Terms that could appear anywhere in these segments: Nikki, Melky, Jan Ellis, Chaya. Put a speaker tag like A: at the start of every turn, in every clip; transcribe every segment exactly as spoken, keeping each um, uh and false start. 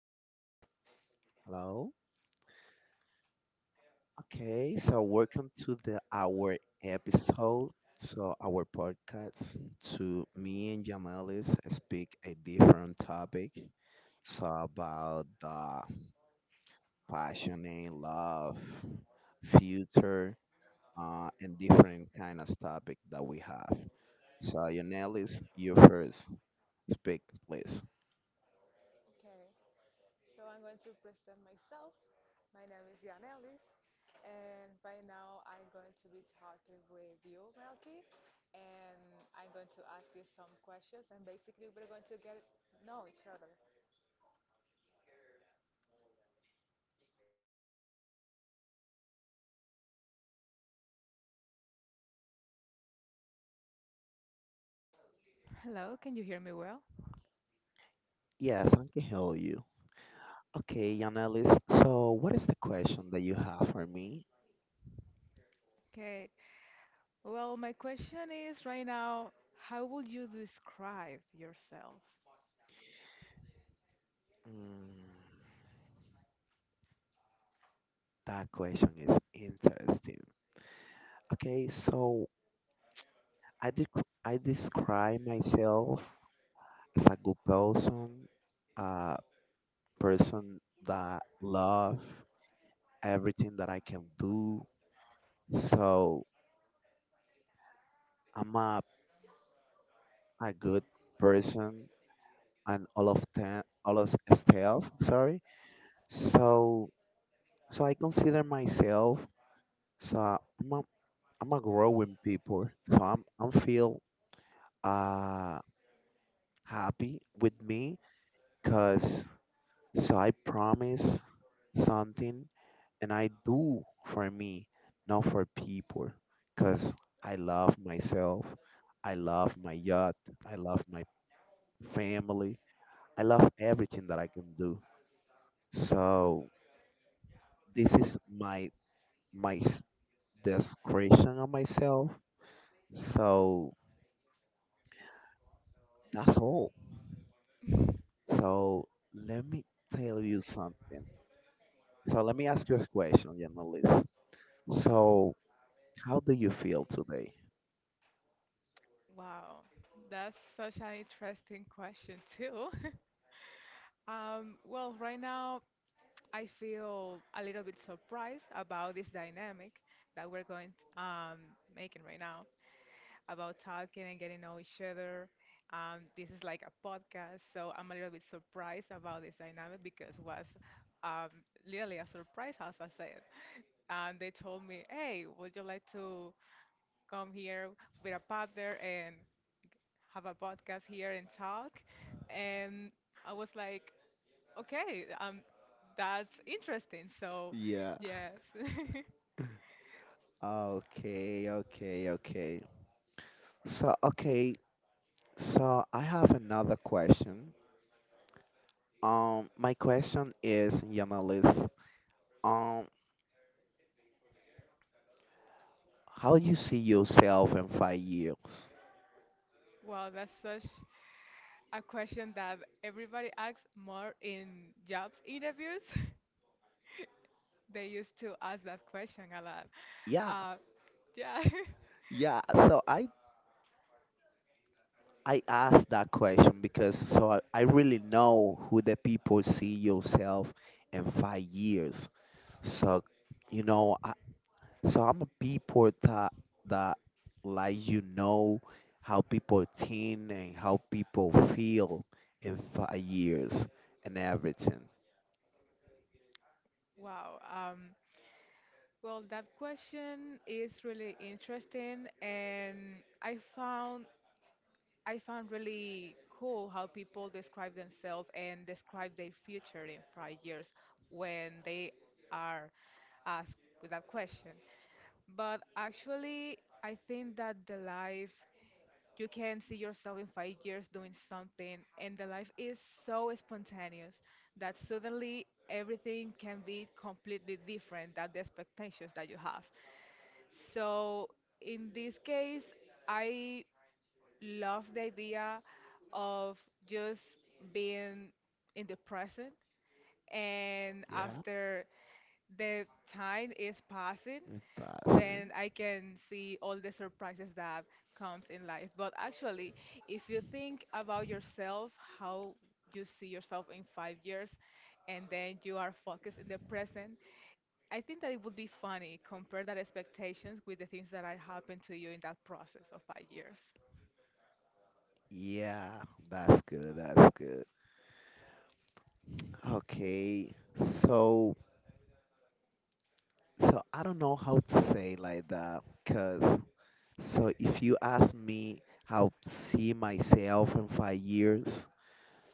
A: Hello.
B: Hello. Okay, so welcome to the our episode. So our podcast to me and Jamelis speak a different topic. So about the passion and love, future, uh, and different kind of topic that we have. So Jamelis, you first speak, please.
A: Okay. So I'm going to present myself. My name is Jan Ellis, and right now I'm going to be talking with you, Melky, and I'm going to ask you some questions, and basically we're going to get know each other. Hello, can you hear me well?
B: Yes, I can help you. Okay, Jamelis. So what is the question that you have for me?
A: Okay. Well, my question is right now, how would you describe yourself?
B: Mm. That question is interesting. Okay, so I dec- I describe myself as a good person, a person that love everything that I can do. So I'm a, a good person and all of ten, all of staff. Sorry. So so I consider myself. So I'm a, I'm a growing people. So I'm I'm feel uh happy with me. Cause so I promise something and I do for me, not for people. Cause I love myself. I love my yacht. I love my family. I love everything that I can do. So this is my my s- description of myself. So that's all. So let me tell you something. So let me ask you a question, Janalis. So how do you feel today?
A: Wow, that's such an interesting question too. Um, well, right now I feel a little bit surprised about this dynamic that we're going um, making right now about talking and getting to know each other. Um, this is like a podcast, so I'm a little bit surprised about this dynamic because it was um, literally a surprise, as I said. And they told me, "Hey, would you like to come here with a partner and have a podcast here and talk?" And I was like. Okay, um, that's interesting. So,
B: Yeah.
A: yes.
B: Okay, okay, okay. So, okay, so I have another question. Um, my question is, Yanalis, um, how you see yourself in five years?
A: Wow, that's such a question that everybody asks more in jobs interviews. They used to ask that question a lot.
B: Yeah,
A: Uh, yeah.
B: yeah. So I I asked that question because so I, I really know who the people see yourself in five years. So, you know, I, So I'm a people that that like you know how people think and how people feel in five years and everything.
A: Wow. Um, well, that question is really interesting, and I found I found really cool how people describe themselves and describe their future in five years when they are asked with that question. But actually, I think that the life you can see yourself in five years doing something, and the life is so spontaneous that suddenly everything can be completely different than the expectations that you have. So in this case, I love the idea of just being in the present and
B: Yeah.
A: after the time is passing.
B: In five, huh?
A: Then i can see all the surprises that comes in life. But actually, if you think about yourself how you see yourself in five years and then you are focused in the present, i think that it would be funny compare that expectations with the things that are happened to you in that process of five years.
B: Yeah, that's good. That's good. Okay, so so I don't know how to say like that, cause so if you ask me how see myself in five years,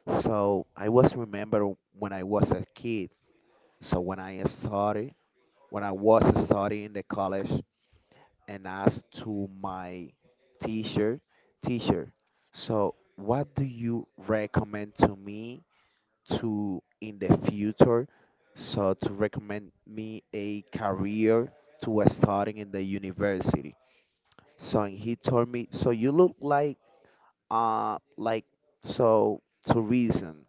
B: so I was remember when I was a kid. So when I started, when I was studying the college and asked to my teacher, teacher, so what do you recommend to me to in the future? So to recommend me a career to starting in the university. So and he told me, so you look like uh like so tourism.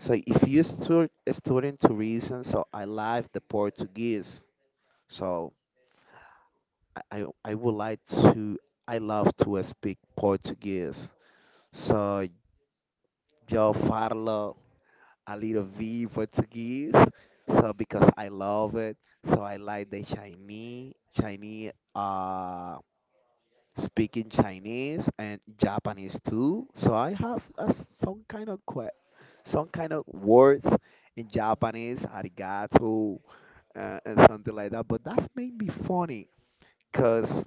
B: So if you stu- student tourism, so I like the Portuguese. So I, I I would like to, I love to speak Portuguese. So eu falo a little bit Portuguese. So because I love it, so I like the Chinese, Chinese, uh, speaking Chinese and Japanese too. So I have a s some kind of que some kind of words in Japanese, arigato, uh, and something like that. But that's made me funny, cause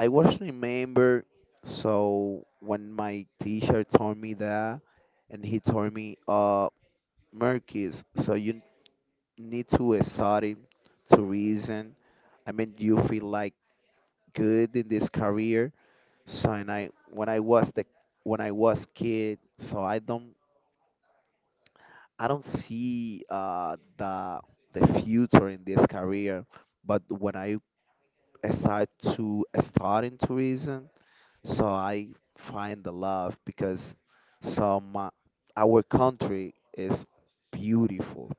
B: I was remember so when my teacher told me that and he told me uh Merkis, so you need to study to reason. I mean you feel like good in this career. So and I when I was the when I was kid, so I don't I don't see uh the the future in this career. But when I start to start in tourism, so I find the love because some uh, our country is beautiful,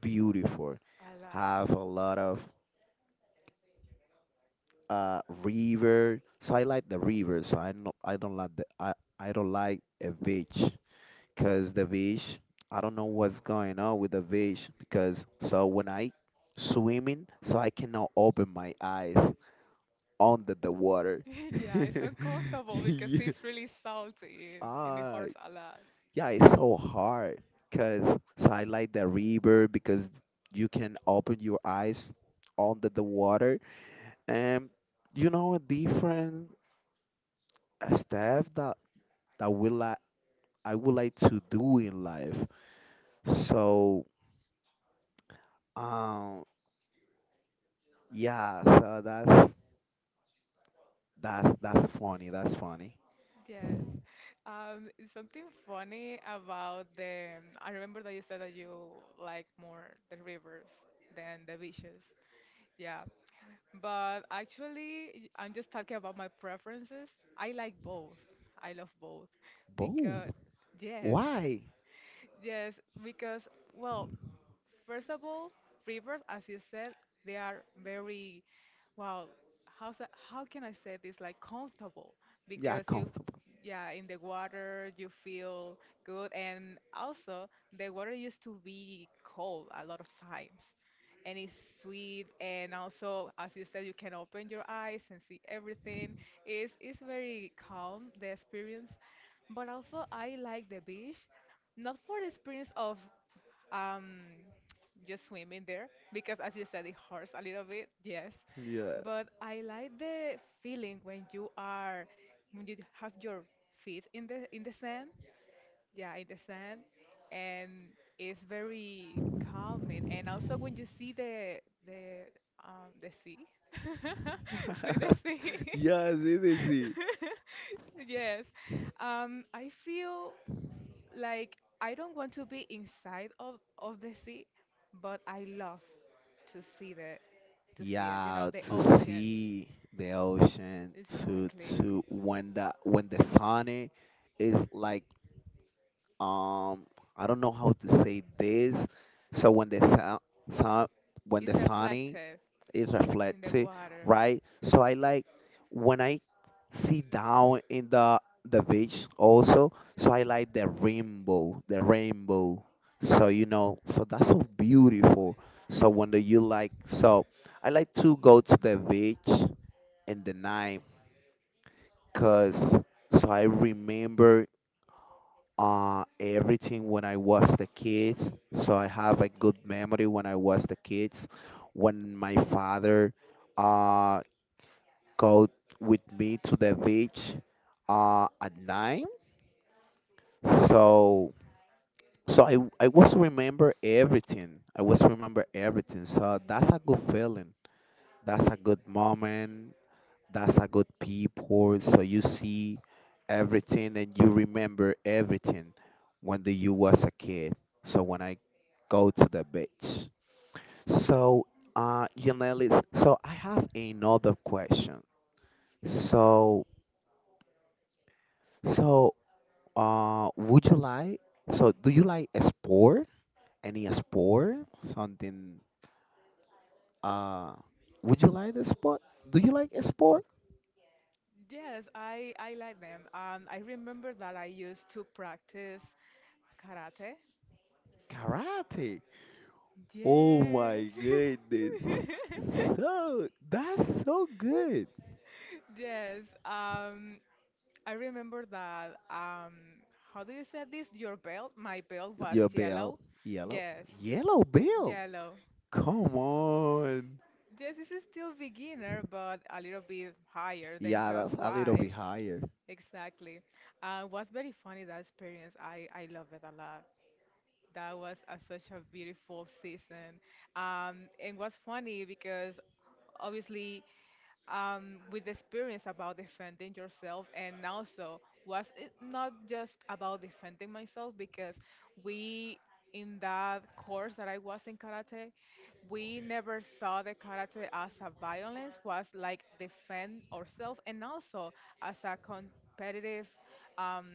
B: beautiful.
A: Halal.
B: Have a lot of uh river. So I like the river. So I no, I don't like the I I don't like a beach because the beach, I don't know what's going on with the beach, because so when I swimming so I cannot open my eyes under the water.
A: Yeah, it's uncomfortable because
B: Yeah.
A: it's really salty in and it
B: Ah,
A: hurts a.
B: yeah, it's so hard because so I like the river because you can open your eyes under the water and you know a different uh, stuff that that will like I would like to do in life. So um yeah, so that's that's that's funny. That's funny.
A: Yes. Um, something funny about the. I remember that you said that you like more the rivers than the beaches. Yeah. But actually, I'm just talking about my preferences. I like both. I love both
B: Boo.
A: because, yes,
B: Why?
A: yes, because, well, first of all, rivers, as you said, they are very, well, how's that, how can I say this? Like comfortable
B: Yeah,
A: because you,
B: comfortable.
A: yeah, in the water you feel good, and also the water used to be cold a lot of times, and it's sweet, and also as you said, you can open your eyes and see everything. It's it's very calm the experience, but also I like the beach not for the experience of um, just swim in there because, as you said, it hurts a little bit, yes.
B: Yeah.
A: But I like the feeling when you are when you have your feet in the in the sand, yeah, in the sand, and it's very calming. And also when you see the the um, the sea. See the sea.
B: Yes, it is.
A: Yes, um, I feel like, I don't want to be inside of, of the sea, but I love to see the to see it, you know,
B: Yeah,
A: the
B: to
A: ocean.
B: see the
A: Ex-
B: ocean, to
A: Exactly.
B: to when the when the sun is like um I don't know how to say this. So when the sun, sun when the
A: It's
B: sun, it
A: reflective in the
B: reflects it,
A: water.
B: right? So I like when I sit down in the the beach also. So I like the rainbow, the rainbow. So you know, so that's so beautiful. So when do you like? So I like to go to the beach in the night, cause so I remember uh everything when I was the kids. So I have a good memory when I was the kids, when my father. Uh, Go with me to the beach uh, at nine. So so I I was remember everything. I was remember everything. So that's a good feeling. That's a good moment. That's a good people. So you see everything and you remember everything when the, you was a kid. So when I go to the beach. So uh Yanelis, so I have another question. So so Uh, would you like? So, do you like a sport? Any sport? Something? Uh, would you like the sport? Do you like a sport?
A: Yes, I, I like them. Um, I remember that I used to practice karate.
B: Karate. Oh my
A: Yes.
B: goodness. So that's so good.
A: Yes. Um, I remember that, um, how do you say this? Your belt? My belt was
B: Your bell,
A: yellow.
B: yellow,
A: Yes,
B: yellow bell.
A: yellow.
B: Come on.
A: Yes, this is still beginner, but a little bit higher than
B: Yeah, that's
A: just
B: a little
A: white.
B: bit higher.
A: Exactly. Uh, it was very funny that experience. I, I love it a lot. That was a, such a beautiful season. Um, and what's funny because obviously um, with the experience about defending yourself and also was it not just about defending myself because we in that course that I was in karate, we never saw the karate as a violence, was like defend ourselves and also as a competitive um,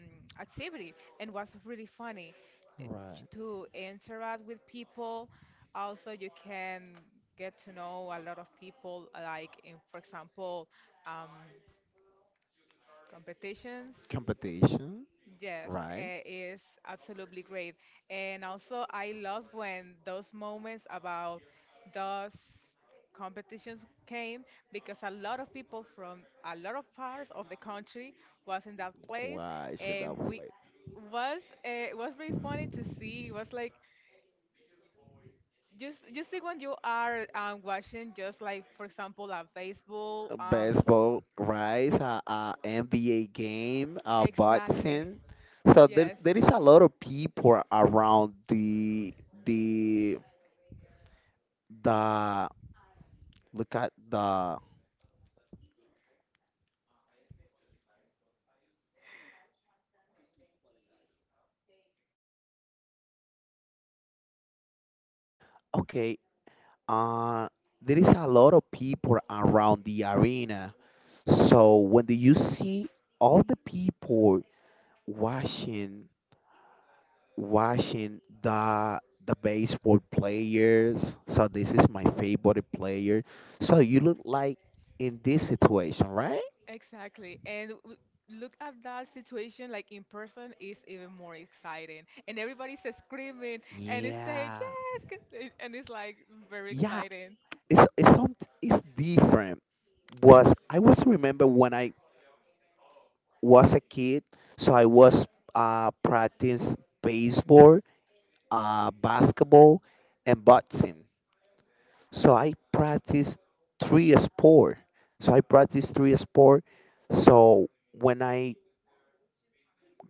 A: activity and was really funny
B: Right.
A: to interact with people. Also, you can get to know a lot of people, like in, for example, um, competitions.
B: Competition.
A: Yes,
B: Right.
A: eh, it's absolutely great. And also, I love when those moments about those competitions came because a lot of people from a lot of parts of the country was in that place,
B: Why should I
A: and we
B: play?
A: was eh, it was very funny to see. It was like. Just, just see when you are um, watching, just like for example, on Facebook. Um,
B: Baseball, right? A, a N B A game, a
A: exactly.
B: boxing. So there,
A: Yes,
B: there is a lot of people around the the the look at the, okay. Uh, there is a lot of people around the arena. So when do you see all the people watching watching the the baseball players. So this is my favorite player. So you look like in this situation, right?
A: exactly. And w- look at that situation, like in person, is even more exciting. And everybody's screaming and it's saying
B: Yeah.
A: yes, c- it- and it's like very
B: Yeah,
A: exciting.
B: it's it's some it's different. Was I was remember when I was a kid, so I was uh practice baseball, uh basketball, and boxing. So I practice three sport. So I practice three sport. So when I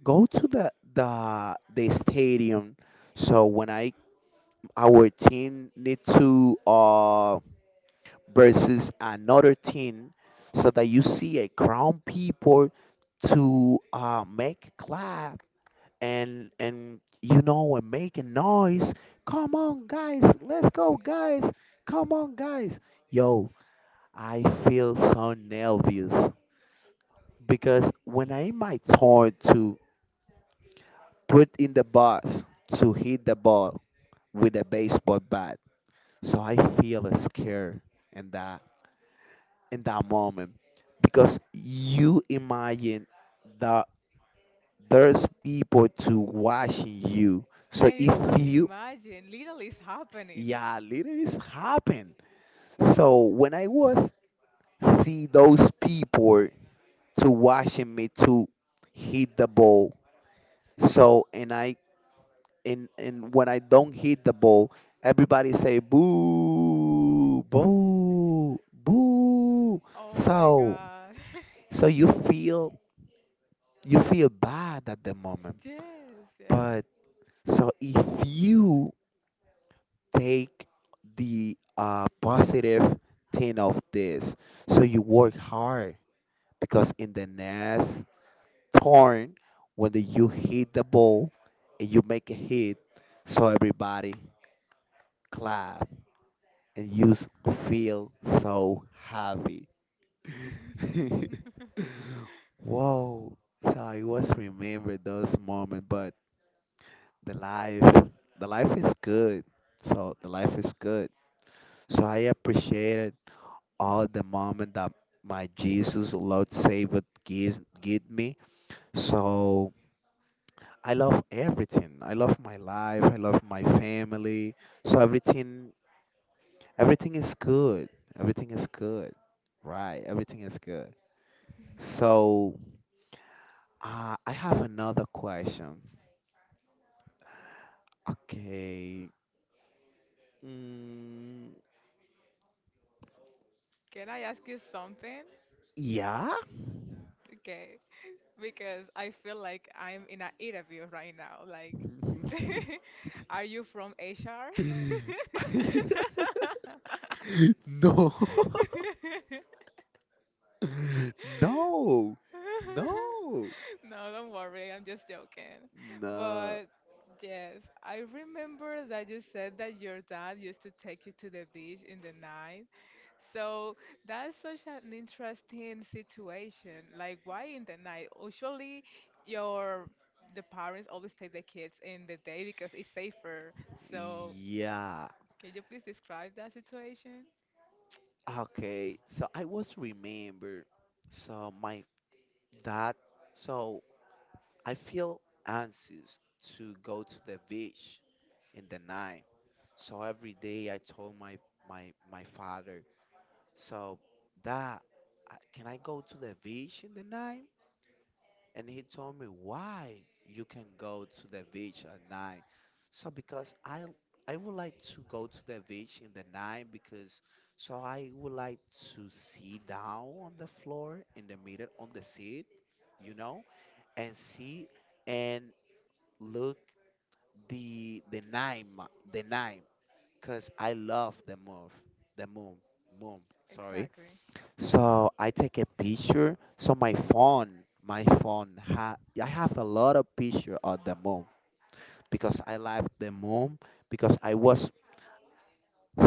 B: go to the the the stadium. So when I our team need to uh versus another team, so that you see a crowd people to uh make clap and and you know and make a noise. Come on, guys, let's go, guys. Come on, guys. Yo, I feel so nervous because when I my turn to put in the box to hit the ball with a baseball bat. So I feel scared in that in that moment because you imagine that there's people to watching you. So
A: And
B: if
A: it's not
B: you
A: imagined, literally, it's happening.
B: yeah, literally it's happened. So when I was see those people to watching me to hit the ball. So and I and and when I don't hit the ball, everybody say boo, boo, boo.
A: Oh my
B: So
A: God.
B: so you feel you feel bad at the moment.
A: Yes, yes.
B: But so if you take the uh, positive thing of this, so you work hard because in the next turn when you hit the ball and you make a hit, so everybody clap and you s- feel so happy. Whoa. So I was remember those moments, but the life, the life is good. So the life is good. So I appreciated all the moment that my Jesus, Lord Savior, gives give me. So I love everything. I love my life. I love my family. So everything everything is good. Everything is good. Right. Everything is good. So, uh, I have another question. Okay. Mm,
A: Can I ask you something?
B: yeah.
A: Okay, because I feel like I'm in an interview right now. Like, are you from H R?
B: No. No. No.
A: No, don't worry, I'm just joking.
B: No.
A: But yes, I remember that you said that your dad used to take you to the beach in the night. So that's such an interesting situation. Like, why in the night? Usually, your the parents always take the kids in the day because it's safer. So,
B: Yeah.
A: can you please describe that situation?
B: Okay. So I was remember. So my dad. So I feel anxious to go to the beach in the night. So every day I told my my my father, so that I- can I go to the beach in the night? And he told me why you can go to the beach at night. So because I I would like to go to the beach in the night because so I would like to sit down on the floor in the middle on the seat, you know, and see and look the the nine mo- the nine, because I love the move the moon moon sorry.
A: Exactly.
B: So I take a picture. So my phone my phone ha I have a lot of picture of the moon because I love the moon because I was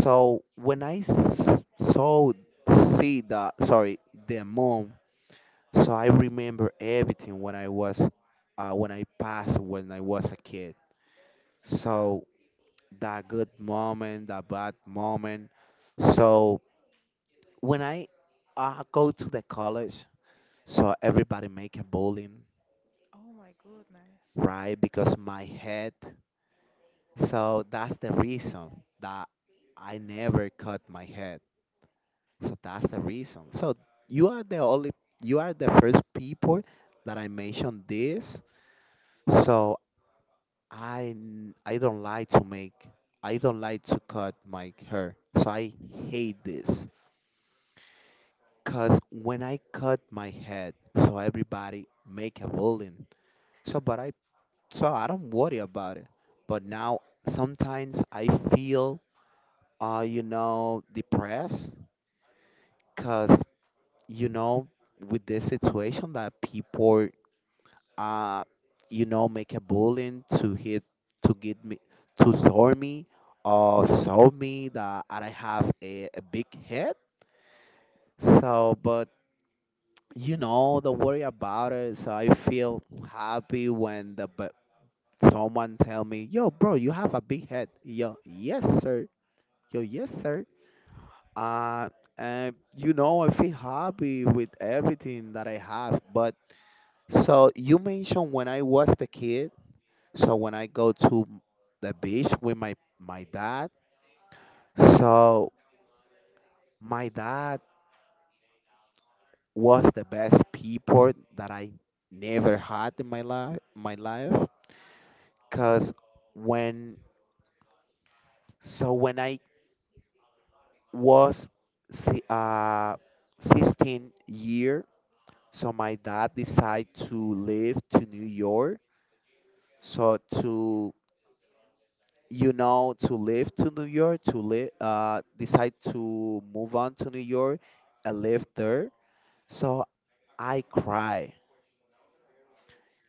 B: so when I s- saw see the, sorry, the moon, so I remember everything when I was uh, when I passed when I was a kid, so that good moment, that bad moment. So when I uh, go to the college, so everybody make a bullying,
A: Oh my goodness.
B: right? Because my head. So that's the reason that I never cut my head. So that's the reason. So you are the only, you are the first people that I mentioned this. So I n- I don't like to make, I don't like to cut my hair. So I hate this. Cause when I cut my head, so everybody make a bullying. So but I so I don't worry about it. But now sometimes I feel uh you know depressed cause you know with this situation that people uh you know make a bullying to hit to get me to throw me or show me that I have a, a big head. So but you know the worry about it so I feel happy when the but someone tell me, "Yo bro, you have a big head." Yo, yes sir. Yo, yes sir. uh and you know I feel happy with everything that I have but so you mentioned when I was the kid. So when I go to the beach with my my dad, so my dad was the best people that I never had in my life, my life. Cause when so when I was si- uh, sixteen year, so my dad decided to live to New York. So to you know to live to New York to live uh decide to move on to New York and live there. So I cry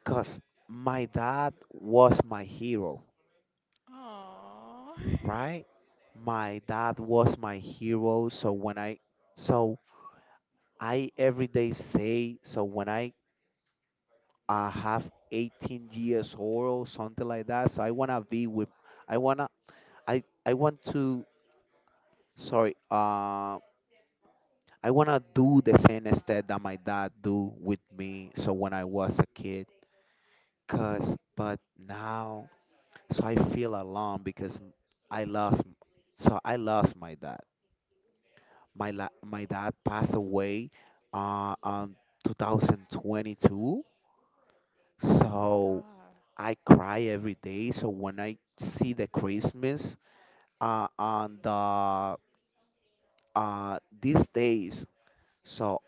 B: cause my dad was my hero,
A: Oh.
B: right? My dad was my hero. So when I so I every day say so when I uh, have eighteen years old or something like that. So I wanna be with I wanna I I want to sorry uh I wanna do the same instead that my dad do with me. So when I was a kid, cause but now so I feel alone because m- I lost m- so I lost my dad. My la- my dad passed away uh on twenty twenty-two.
A: Oh my
B: So
A: God.
B: I cry every day. So when I see the Christmas uh, on the uh, these days, so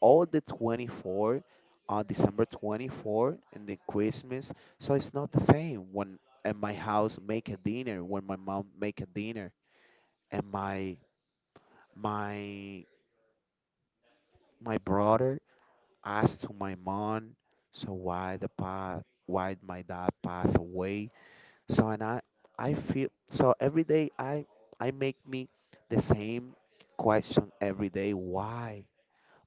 B: all the twenty-fourth, uh, December twenty-fourth and the Christmas, so it's not the same when at my house make a dinner, when my mom make a dinner, and my my my brother asked to my mom, so why the pa why my dad passed away? So and I I feel so every day I I make me the same question every day why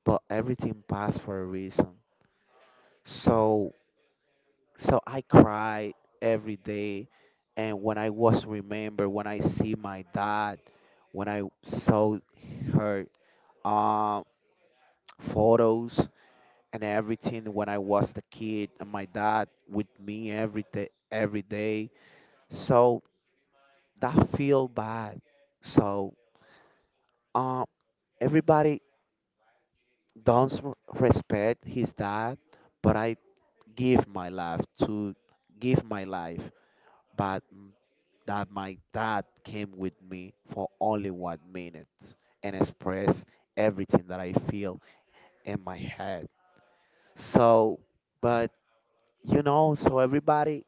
B: but everything passed for a reason so so I cry every day and when I was remember when I see my dad when I saw her um photos and everything when I was the kid and my dad with me every day, every day, so that feel bad so. Um, Everybody don't respect his dad, but I give my life to give my life, but m- that my dad came with me for only one minute and express everything that I feel in my head. So, but you know, so everybody,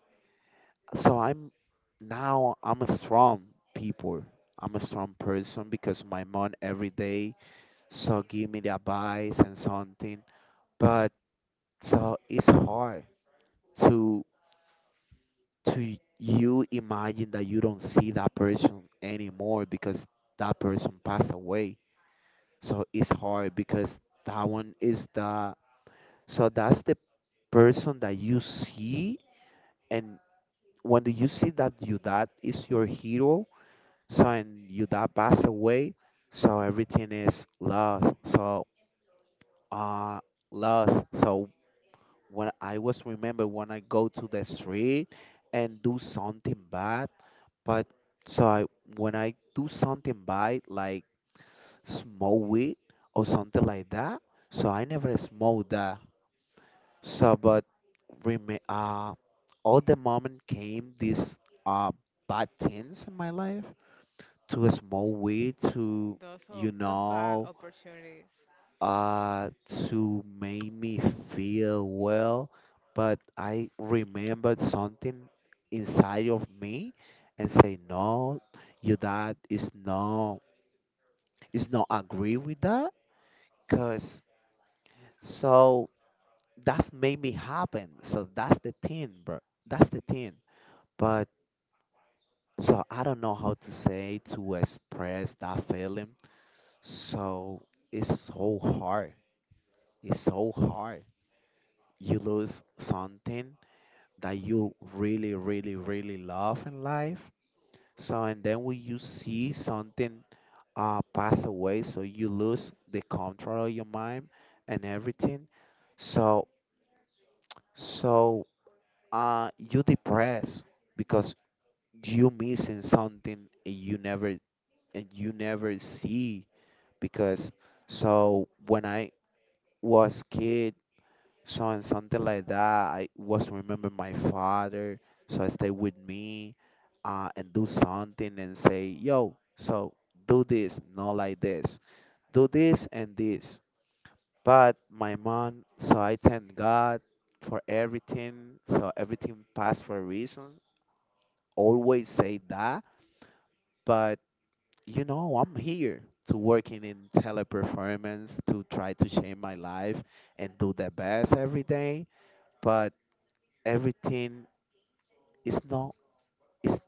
B: so I'm now I'm a strong people. I'm a strong person because my mom every day so give me the advice and something. But. So it's hard to to you imagine that you don't see that person anymore because that person passed away. So it's hard because that one is the so that's the person that you see and when do you see that you that is your hero so and you that pass away so everything is lost so uh lost so when I was remember when I go to the street and do something bad, but so I when I do something bad like smoke weed or something like that, so I never smoke that. So but rem uh all the moment came these uh bad things in my life to smoke weed to
A: Those
B: you
A: o- those bad
B: know
A: opportunities.
B: uh to make me feel well but I remembered something inside of me and say no, your dad is no is not agree with that because so that's made me happen so that's the thing bro, that's the thing but so I don't know how to say to express that feeling so it's so hard, it's so hard you lose something that you really, really, really love in life. So, and then when you see something uh, pass away, so you lose the control of your mind and everything. So, so uh, you depressed because you missing something and you never and you never see because so when I was kid. So and something like that. I was remember my father, so I stay with me, uh, and do something and say, yo, so do this, not like this. Do this and this. But my mom, so I thank God for everything. So everything passed for a reason. Always say that. But you know, I'm here to working in teleperformance to try to change my life and do the best every day. But everything it's not it's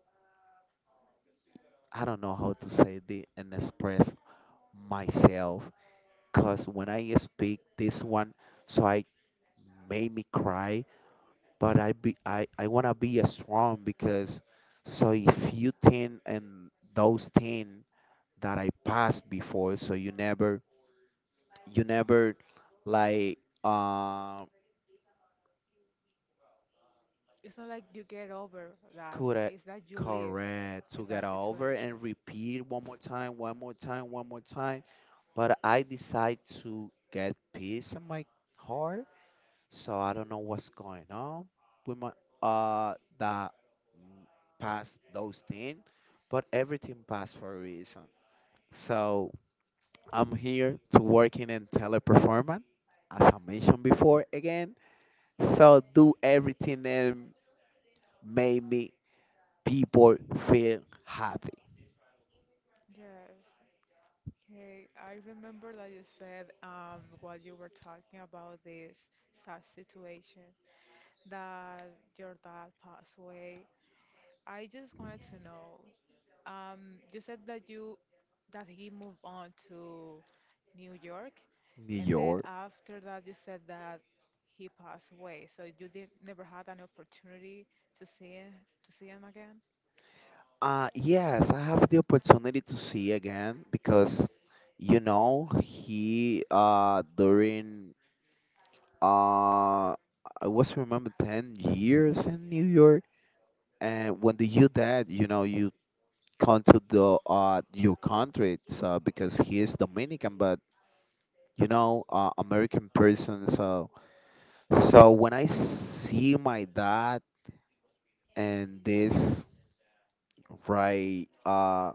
B: I don't know how to say the and express myself because when I speak this one so I made me cry but I be i, I want to be a strong because so if you think and those things that I passed before so you never you never like um
A: It's not like you get over that.
B: could I,
A: It's that you live
B: correct to
A: with
B: get
A: that
B: over
A: situation.
B: and repeat one more time, one more time, one more time but I decide to get peace in my heart. So I don't know what's going on with my uh that mm, past those things, but everything passed for a reason. So I'm here to working in teleperformance, as I mentioned before again. So do everything and make me people feel happy.
A: Yes. Okay, I remember that you said um, while you were talking about this sad situation that your dad passed away. I just wanted to know. Um, you said that you that he moved on to New York,
B: New
A: and then
B: York.
A: after that you said that he passed away. So you did never had an opportunity to see to see him again.
B: Uh, yes, I have the opportunity to see again because, you know, he uh during uh I was remember ten years in New York, and when the you dad, you know, you come to the uh your country, so because he is Dominican, but you know, uh, American person, so so when I see my dad and this right uh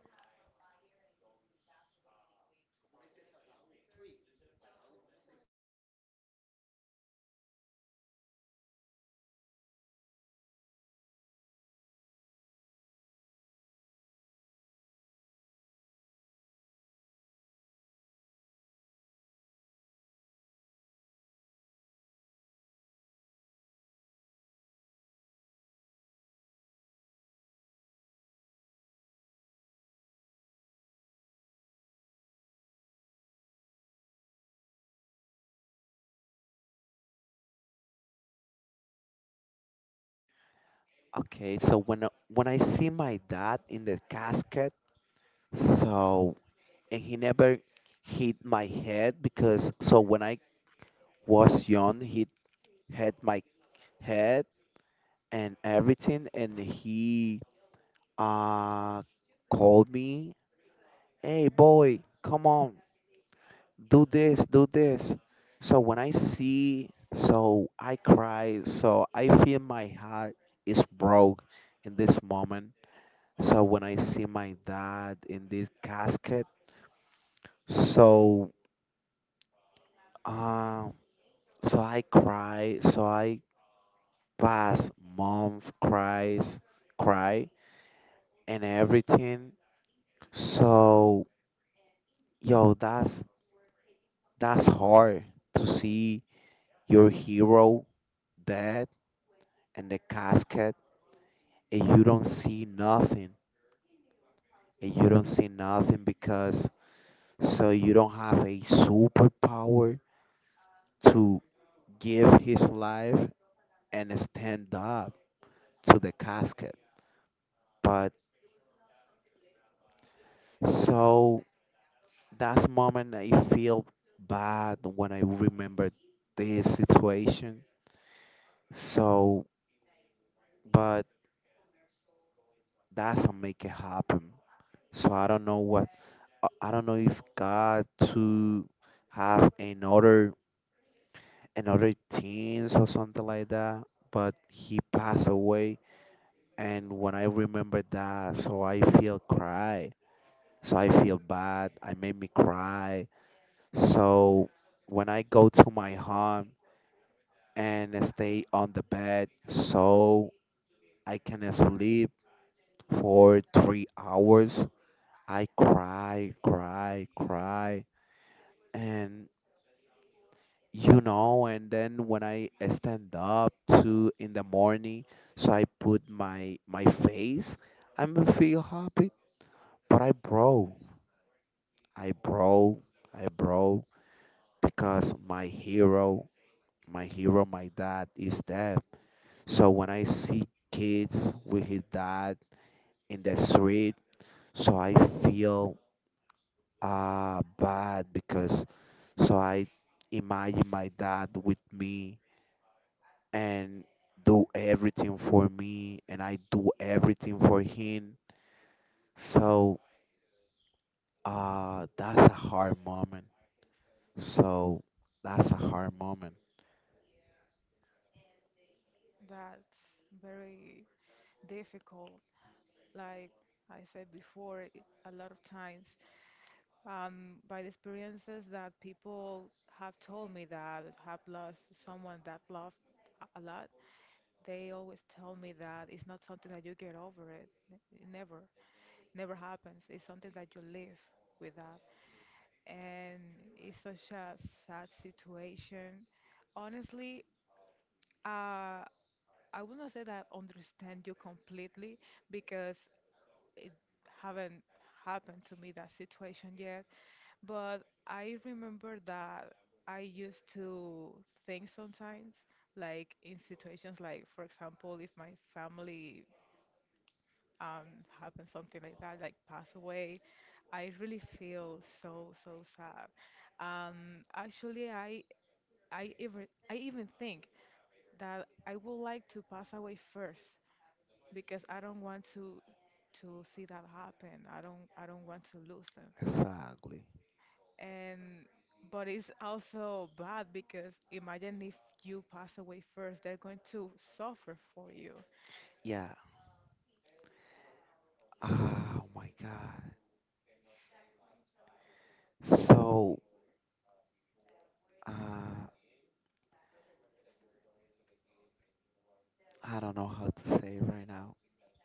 B: okay, so when I- when I see my dad in the casket, so and he never hit my head because so when I was young, he hit my head and everything, and he uh called me, "Hey boy, come on, do this, do this." So when I see, so I cry, so I feel my heart is broke in this moment. So when I see my dad in this casket, so um, so I cry, so I pass month cries, cry and everything. So yo, that's that's hard to see your hero dead in the casket and you don't see nothing and you don't see nothing because so you don't have a superpower to give his life and stand up to the casket. But so that's moment I feel bad when I remember this situation. So, but that's what make it happen. So I don't know what I I don't know if God to have another another teens or something like that. But he passed away, and when I remember that, so I feel cry. So I feel bad. I made me cry. So when I go to my home and stay on the bed, so I can sleep for three hours, I cry, cry, cry, and you know, and then when I stand up to in the morning, so I put my my face, I'm feel happy, but I broke, I broke, I broke because my hero, my hero, my dad is dead. So when I see kids with his dad in the street, so I feel uh bad because so I imagine my dad with me and do everything for me and I do everything for him. So uh that's a hard moment. So that's a hard moment.
A: That's very difficult. Like I said before, i- a lot of times, um, by the experiences that people have told me that have lost someone that loved a a lot, they always tell me that it's not something that you get over it. N- It never, never happens. It's something that you live with that. And it's such a sad situation. Honestly, uh, I would not say that I understand you completely because it haven't happened to me that situation yet, but I remember that I used to think sometimes, like in situations like, for example, if my family um happens something like that, like pass away, I really feel so so sad. Um, actually, I I even I even think that I would like to pass away first because I don't want to to see that happen. I don't I don't want to lose them.
B: Exactly.
A: And but it's also bad because imagine if you pass away first, they're going to suffer for you.
B: Yeah. Oh my God. So uh I don't know how to say it right now.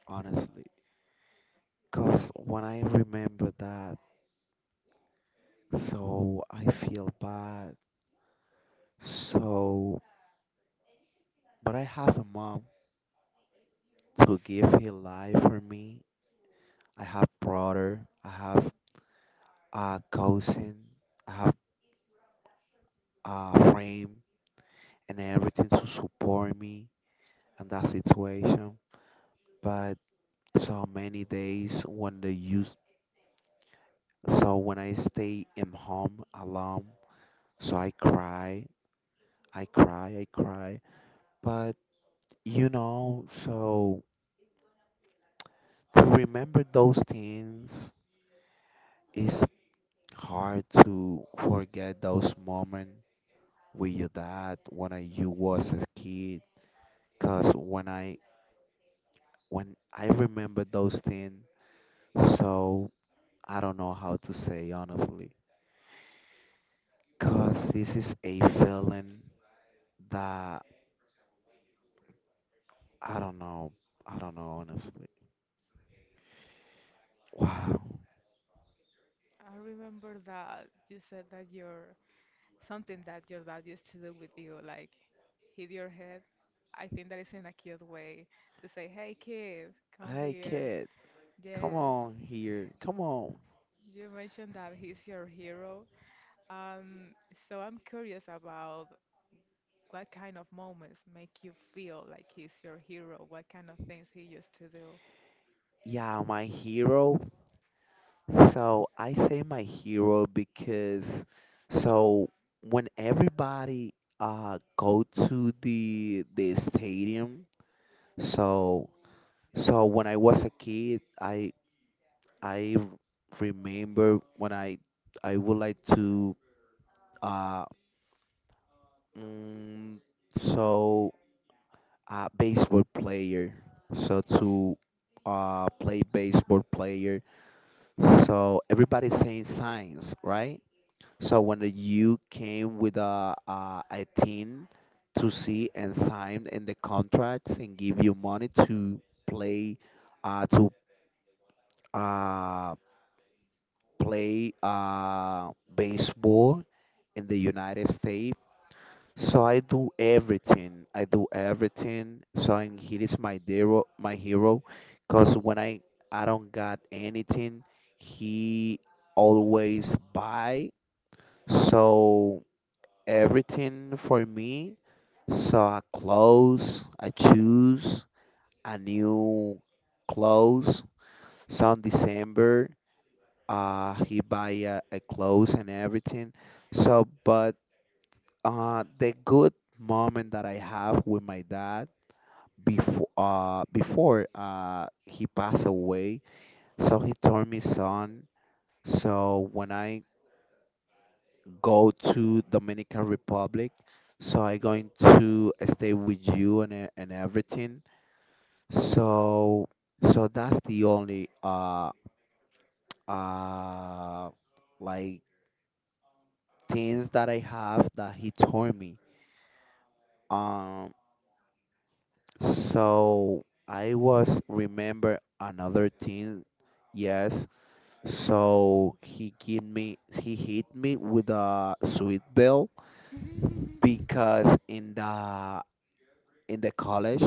B: Honestly. Because when I remember that, so I feel bad. So, but I have a mom to give her life for me. I have brother, I have a cousin, I have a friend, and everything to support me in that situation. But so many days when they use, so when I stay in home alone, so I cry, I cry, I cry. But you know, so to remember those things is hard to forget those moments with your dad when I, you was a kid. Cause when I when I remember those things, so I don't know how to say honestly. Cause this is a feeling that I don't know. I don't know honestly. Wow.
A: I remember that you said that your something that your dad used to do with you, like hit your head. I think that is in a cute way to say, "Hey kid, come
B: Hey
A: here."
B: kid, come
A: Yes,
B: on here. Come on.
A: you mentioned that he's your hero. Um, so I'm curious about what kind of moments make you feel like he's your hero? What kind of things he used to
B: Yeah, my hero. So I say my hero because so when everybody uh go to the the stadium, so so when I was a kid, I I remember when I I would like to uh mm, so uh baseball player, so to uh play baseball player. So everybody's saying signs, right? So when you came with a, a a team to see and sign in the contracts and give you money to play uh, to uh, play uh, baseball in the United States. So I do everything. I do everything. So and he is my hero, my hero, because when I I don't got anything, he always buy. So everything for me. So I clothes I choose a new clothes. So in December, uh, he buy a, a clothes and everything. So, but uh, the good moment that I have with my dad before uh before uh he passed away. So he told me son. So when I go to Dominican Republic. So I going to stay with you and e- and everything. So so that's the only uh uh like things that I have that he told me. Um so I was remember another thing. Yes. So he give me he hit me with a sweet bell
A: do?
B: because in the in the college,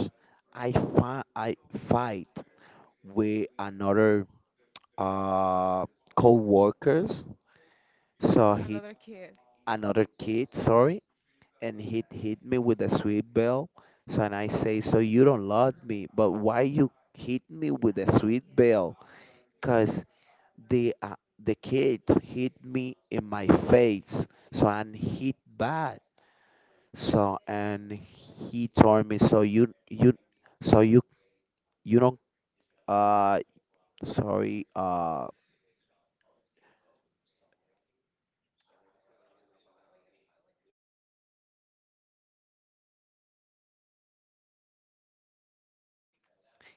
B: I fi- I fight with another uh co-workers. So he
A: Another kid.
B: another kid, sorry, and he hit me with a sweet bell. So and I say, so you don't love me, but why you hit me with a sweet bell? Cause the uh, the kids hit me in my face, so I hit bad. So and he told me, so you you so you you don't uh sorry uh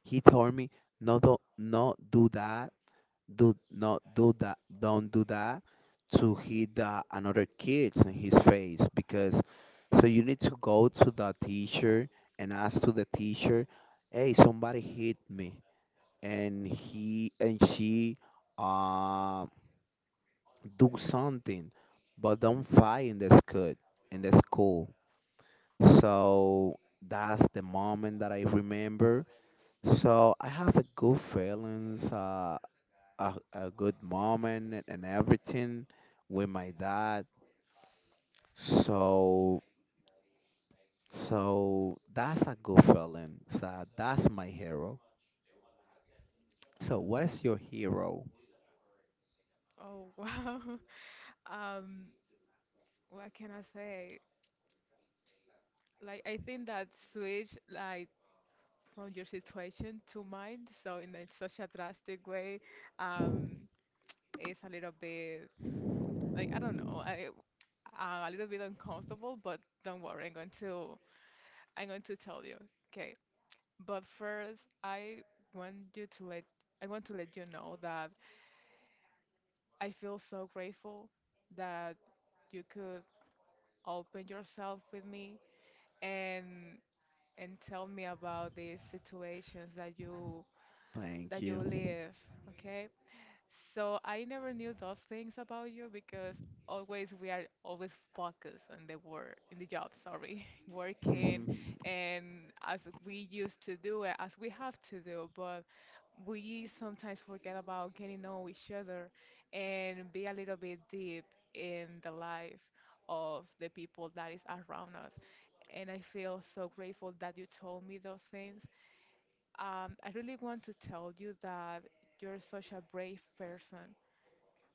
B: he told me no don't not do that do not do that don't do that to hit the, another kids in his face because so you need to go to the teacher and ask to the teacher hey somebody hit me and he and she uh do something but don't fight in the school in the school so that's the moment that I remember. So I have a good feelings, uh, a, a good moment and and everything with my dad. So so that's a good feeling. So that's my hero. So what is your hero?
A: Oh, wow. Um, what can I say? Like, I think that switch, like, from your situation to mine, so in a, such a drastic way, um, is a little bit, like, I don't know, I, uh, a little bit uncomfortable, but don't worry, I'm going to, I'm going to tell you. Okay, but first, I want you to let I want to let you know that I feel so grateful that you could open yourself with me and and tell me about these situations that you
B: Thank
A: that you
B: you.
A: live, okay? So I never knew those things about you because always we are always focused on the work, in the job, sorry, working, and as we used to do it, as we have to do, but we sometimes forget about getting to know each other and be a little bit deep in the life of the people that is around us. And I feel so grateful that you told me those things. Um, I really want to tell you that you're such a brave person,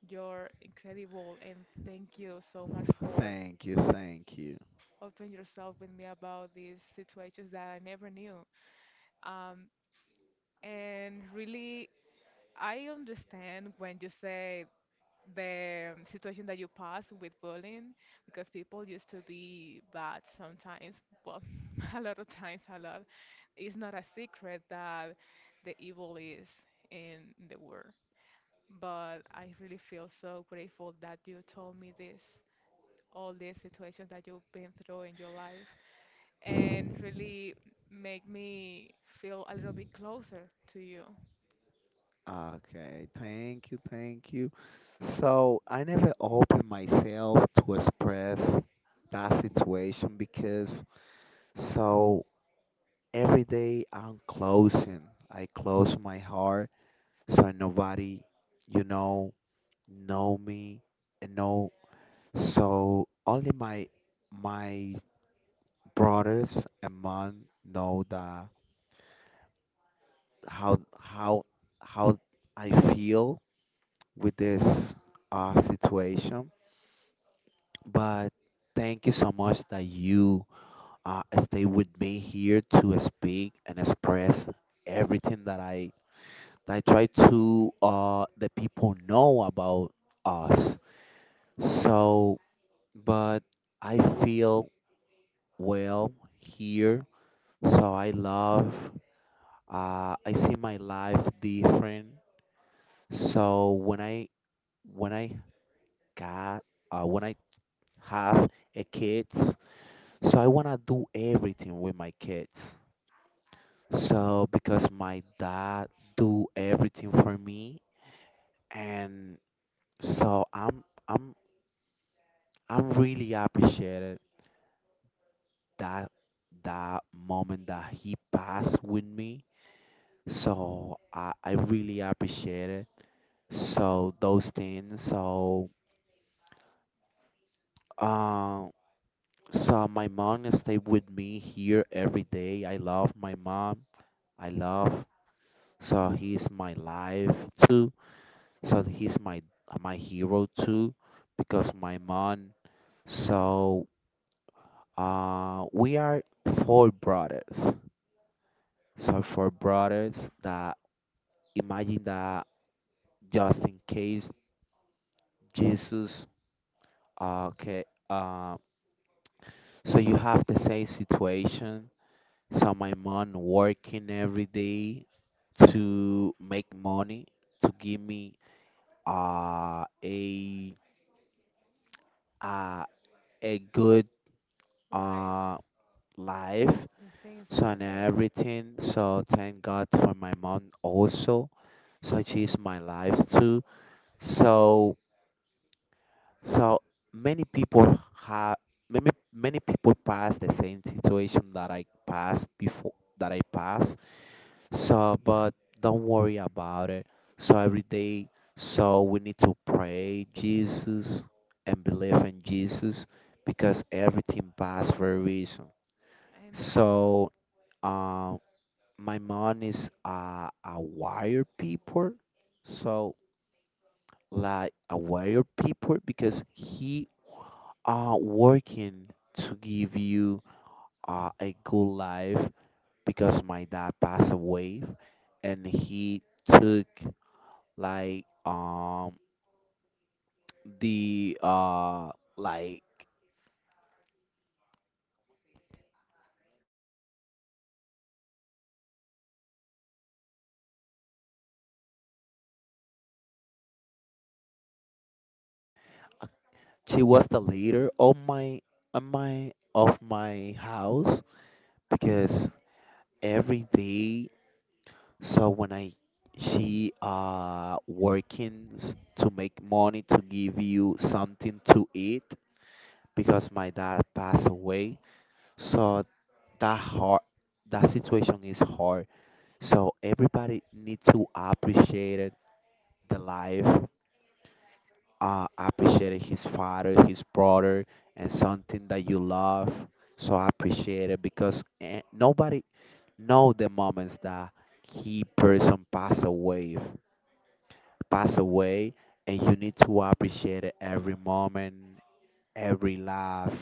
A: you're incredible, and thank you so much for
B: Thank you, thank you.
A: opening yourself with me about these situations that I never knew. Um, and really, I understand when you say the um, situation that you passed with bullying, because people used to be bad sometimes. Well, a lot of times, a lot. It's not a secret that the evil is in the world. But I really feel so grateful that you told me this, all the situations that you've been through in your life, and really make me feel a little bit closer to you.
B: Okay, thank you, thank you. So I never open myself to express that situation because so every day I'm closing. I close my heart so nobody, you know, know me and know. So only my my brothers and mom know the how how how I feel with this uh, situation. But thank you so much that you uh, stay with me here to speak and express everything that I I try to uh the people know about us. So, but I feel well here. So I love. Uh, I see my life different. So when I when I got uh, when I have a kids, so I wanna do everything with my kids. So because my dad do everything for me, and so I'm I'm I'm really appreciated that that moment that he passed with me. So I, I really appreciate it. So those things. So um so my mom stay with me here every day. I love my mom. I love so he's my life too. So he's my my hero too because my mom so uh we are four brothers. So for brothers that imagine that just in case Jesus okay um so you have the same situation. So my mom working every day to make money to give me uh a uh, a good
A: Life,
B: uh life
A: the things that
B: so
A: you
B: and
A: need.
B: everything so thank God for my mom also so she's my life too so So many people have many many people pass the same situation that I passed before that I pass. So but don't worry about it. So every day so we need to pray Jesus and believe in Jesus because everything passed for a reason.
A: Amen.
B: So um my mom is uh, a warrior people so like a warrior people because he are working to give you uh, a good life because my dad passed away and he took like um the uh like she was the leader of my of my of my house because every day so when I she uh working s- to make money to give you something to eat because my dad passed away. So that hard, that situation is hard. So everybody need to appreciate it, the life, uh, appreciate his father, his brother, and something that you love. So appreciate it because eh, nobody know the moments that key person pass away, pass away, and you need to appreciate every moment, every laugh.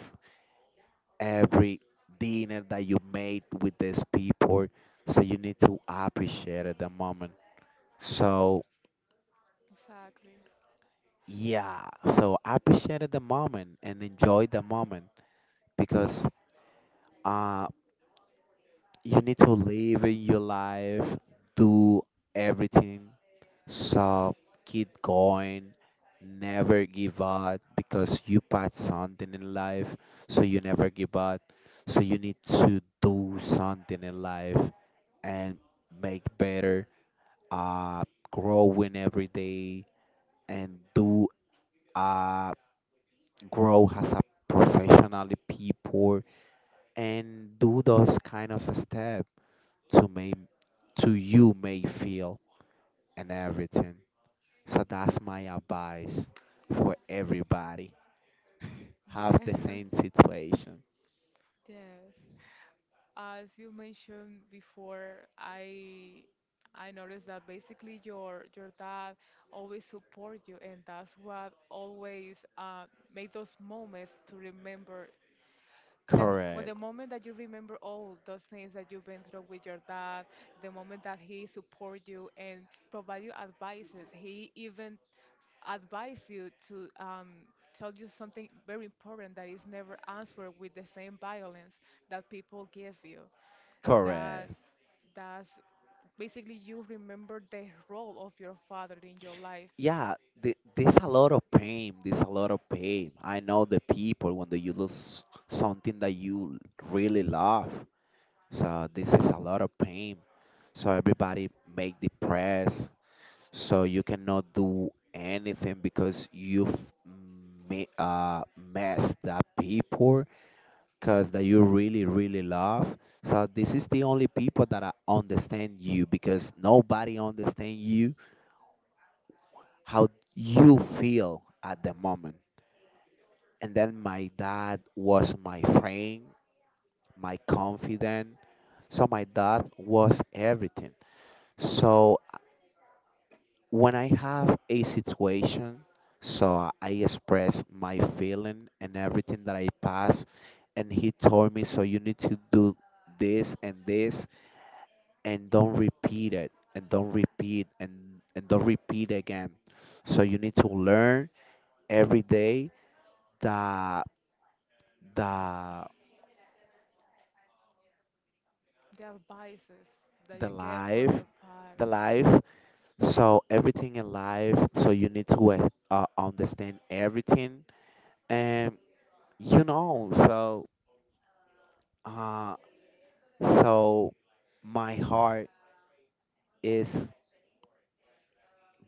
B: Every dinner that you made with these people. So you need to appreciate the moment. So
A: Exactly.
B: yeah, so appreciate the moment and enjoy the moment because uh you need to live in your life, do everything. So keep going, never give up because you passed something in life, so you never give up. So you need to do something in life and make better, uh, growing every day and do uh, grow as a professionally people and do those kind of step to make to you may feel and everything. So that's my advice for everybody. Have the
A: Yes.
B: same situation.
A: Yes. As you mentioned before, I I noticed that basically your your dad always support you, and that's what always uh, made those moments to remember the mo- well, the
B: Correct.
A: moment that you remember all those things that you've been through with your dad, the moment that he support you and provide you advices, he even advise you to um, tell you something very important that is never answered with the same violence that people give you. That's
B: Correct.
A: that's basically you remember the role of your father in your life,
B: Yeah, th- there's a lot of pain. There's a lot of pain. I know the people when they, you lose something that you really love. So this is a lot of pain. So everybody make depressed. So you cannot do anything because you've me- uh, messed that people cause that you really really love so this is the only people that I understand you because nobody understand you how you feel at the moment and then my dad was my friend my confidant so my dad was everything so uh, when I have a situation so I express my feeling and everything that I pass and he told me so you need to do this and this and don't repeat it and don't repeat and and don't repeat again so you need to learn every day the the
A: the advices that
B: the
A: you get from
B: life
A: your
B: the
A: parents.
B: life so everything in life so you need to uh, uh, understand everything and you know so uh so my heart is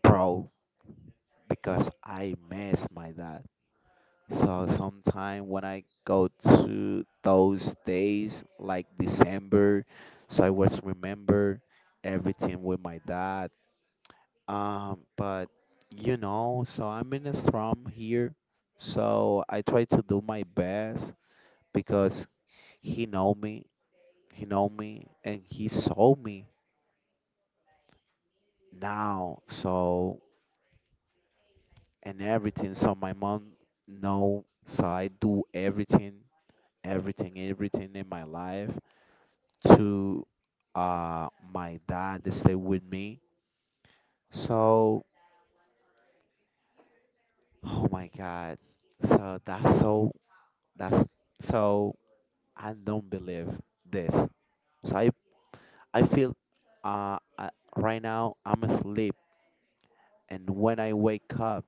B: broke because I miss my dad. So sometime when I go to those days like December, so I was remember everything with my dad. Um, but you know, so I'm in a slum here, so I try to do my best because he know me, he know me, and he saw me now. So and everything. So my mom know. So I do everything, everything, everything in my life to uh my dad to stay with me. So oh my god. So that's so that's so I don't believe this. So I I feel uh I, right now I'm asleep and when I wake up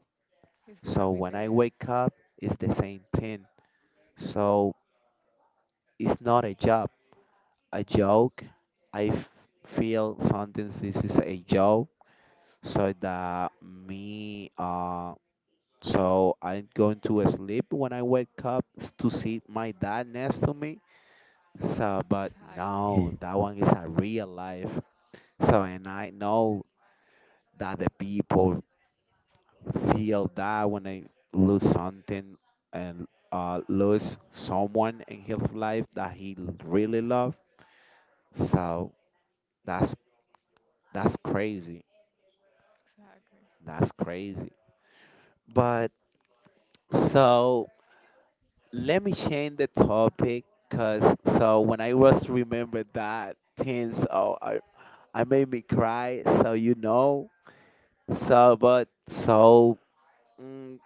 A: He's gonna
B: so
A: be
B: when I
A: there.
B: wake up it's the same thing. So it's not a job, a joke. I f- feel something this is a joke so that me uh. So I'm going to sleep when I wake up s- to see my dad next to me. So, but no,
A: Exactly.
B: that one is a real life. So, and I know that the people feel that when they lose something and uh, lose someone in his life that he l- really loved. So that's that's crazy.
A: Exactly.
B: That's crazy. But so let me change the topic because so when I was remember that things oh i I made me cry so you know so but so mm,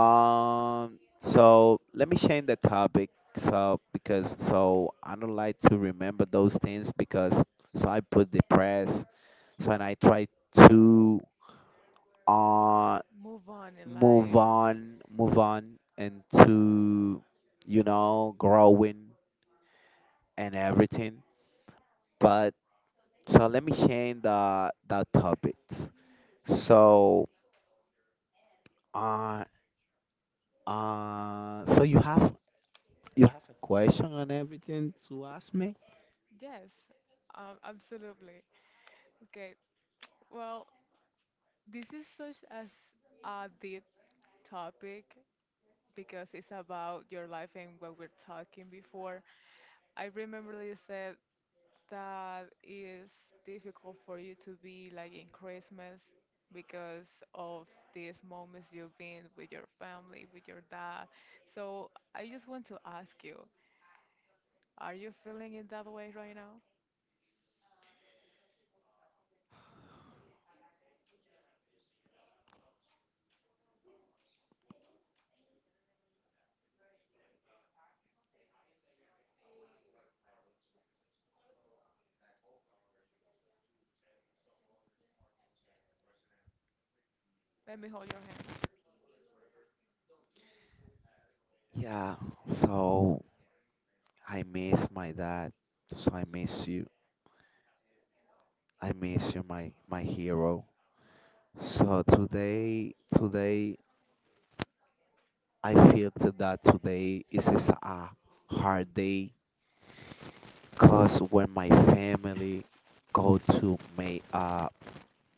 B: um so let me change the topic so because so I don't like to remember those things because so I put depressed so and I try to uh
A: Move on in
B: move
A: life.
B: on move on and to you know growing and everything. But so let me change the the topics. So uh uh so you have you have a question on everything you ask me?
A: Yes, um, absolutely. Okay. Well, this is such as a deep topic because it's about your life and what we're talking before. I remember that you said that it's difficult for you to be like in Christmas because of these moments you've been with your family, with your dad. So I just want to ask you, are you feeling it that way right now? Let me hold your hand.
B: Yeah. So I miss my dad. So I miss you. I miss you, my my hero. So today today I feel to that today is is a hard day cause when my family go to may uh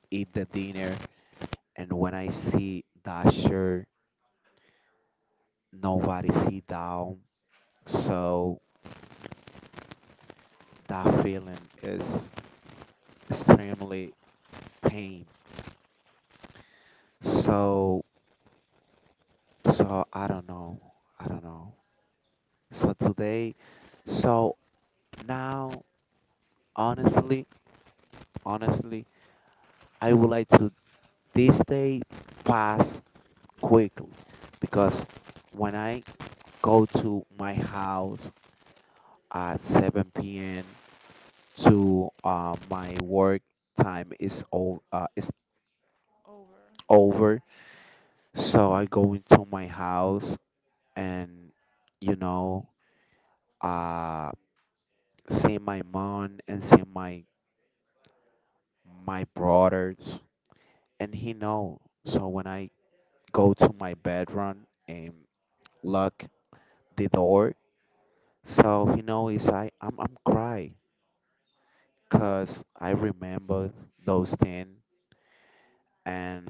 B: eat the dinner and when I see Dasher, nobody see down. So that feeling is extremely pain. So so I don't know. I don't know. So today, so now honestly, honestly, I would like to this day pass quickly because when I go to my house at seven p m to uh, my work time is o- uh, is
A: Over.
B: over. So I go into my house and you know uh, see my mom and see my my brothers and he know. So when I go to my bedroom and lock the door, so he know is I I'm I'm cry cause I remember those things and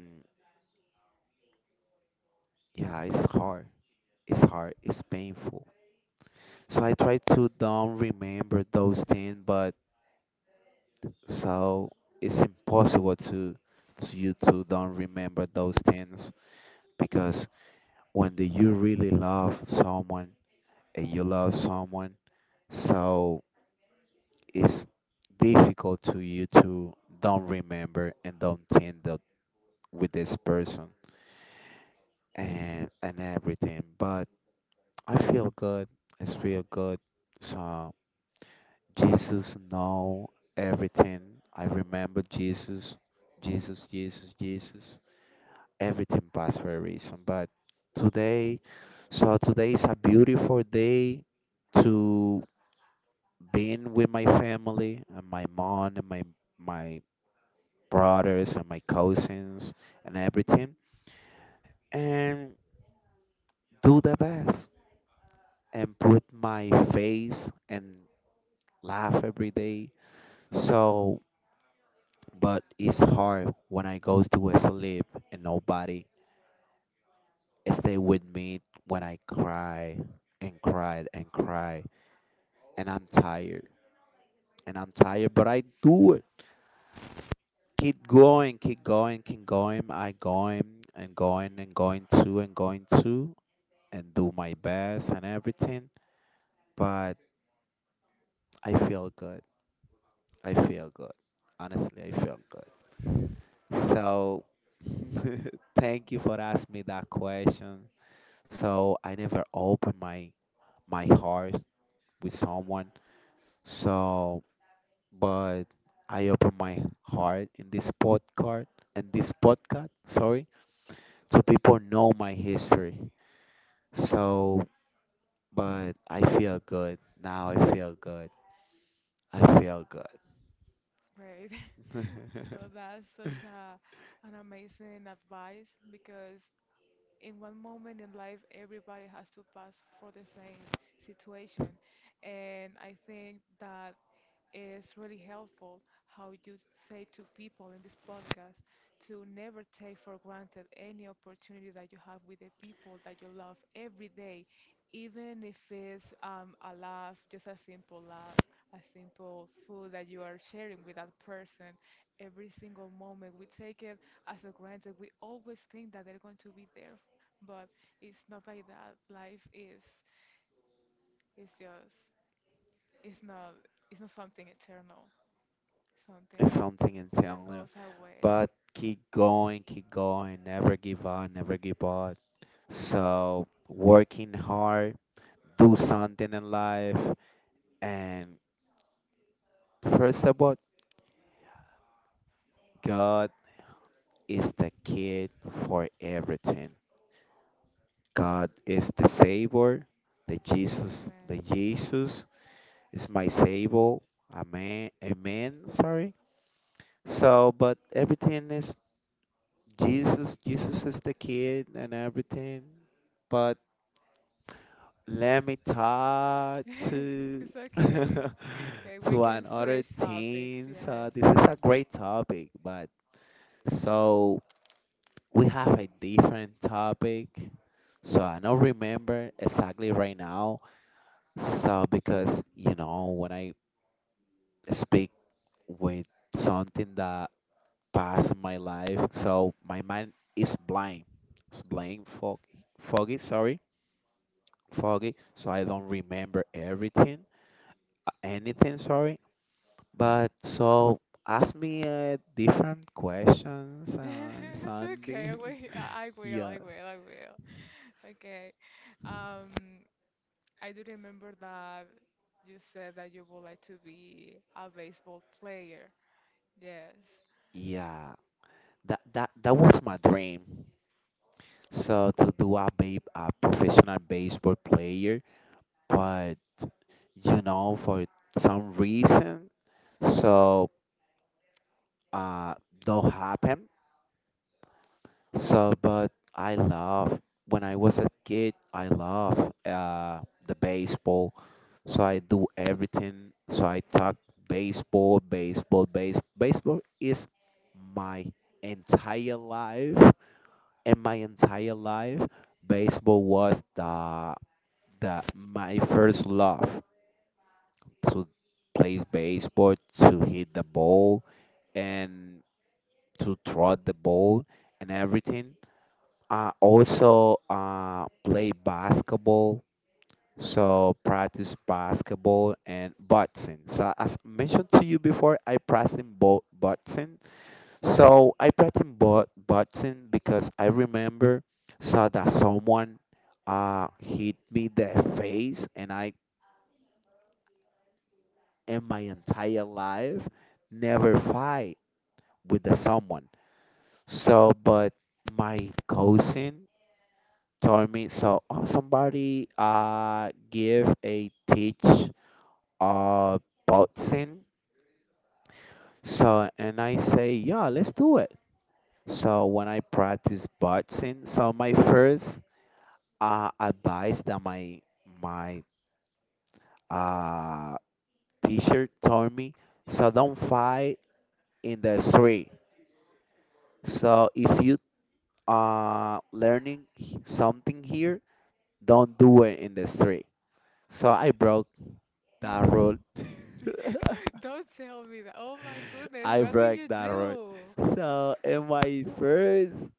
B: yeah it's hard. It's hard. It's painful. So I try to don't remember those things, but so it's impossible to to you to don't remember those things because when the, you really love someone and you love someone, so it's difficult to you to don't remember and don't think that with this person and and everything. But I feel good. I feel good. So Jesus know everything. I remember Jesus, Jesus, Jesus, Jesus. Everything passed for a reason. But today, so today is a beautiful day to being with my family and my mom and my my brothers and my cousins and everything and do the best and put my face and laugh every day. So but it's hard when I goes to sleep and nobody stay with me when I cry and cry and cry and I'm tired and I'm tired, but I do it. Keep going, keep going, keep going. I going and going and going to and going to and do my best and everything, but I feel good. I feel good. Honestly, I feel good. So thank you for asking me that question. So I never opened my my heart with someone. So, but I open my heart in this podcast In this podcast, sorry, so people know my history. So, but I feel good now. I feel good. I feel good.
A: Great. So that's such a, an amazing advice because in one moment in life, everybody has to pass for the same situation. And I think that it's really helpful how you say to people in this podcast to never take for granted any opportunity that you have with the people that you love every day, even if it's um, a laugh, just a simple laugh, a simple food that you are sharing with that person. Every single moment we take it as a granted. We always think that they're going to be there, but it's not like that. Life is, it's just, it's not, it's not something eternal,
B: it's
A: something
B: something
A: that
B: internal.
A: goes away.
B: But keep going, keep going. Never give up. Never give up. So working hard, do something in life. And first of all, God is the kid for everything. God is the savior, the Jesus, the
A: Amen.
B: Jesus is my savior. Amen. Amen. Sorry. So, but everything is Jesus. Jesus is the kid and everything. But let me talk to
A: It's okay. Okay, we
B: to
A: can
B: another
A: switch topics,
B: teens.
A: yes.
B: Uh, this is a great topic, but so we have a different topic so I don't remember exactly right now so because you know when I speak with something that passed in my life so my mind is blind it's blind foggy foggy sorry foggy so I don't remember everything uh, anything sorry but so ask me uh, different questions and
A: It's okay.
B: something.
A: We, I I will,
B: yeah
A: I will, I will. Okay. Um, I do remember that you said that you would like to be a baseball player. Yes.
B: yeah that that that was my dream. So to do a be a professional baseball player, but you know for some reason, so uh don't happen. So but I love when I was a kid, I love uh the baseball. So I do everything. So I talk baseball, baseball, base baseball is my entire life. In my entire life, baseball was the the my first love to play baseball, to hit the ball, and to throw the ball and everything. I also uh, play basketball, so practice basketball and boxing. So as mentioned to you before, I practice both boxing. So I pressed him but button because I remember saw that someone uh hit me the face and I in my entire life never fight with the someone. So but my cousin told me so oh, somebody uh give a teach uh boxing. So and I say yeah let's do it. So when I practice boxing, so my first uh, advice that my my uh, teacher told me. So don't fight in the street. So if you uh learning h- something here, don't do it in the street. So I broke that rule.
A: Don't tell me that. Oh my goodness,
B: I
A: what did
B: broke
A: you
B: that rule.
A: do?
B: So in my first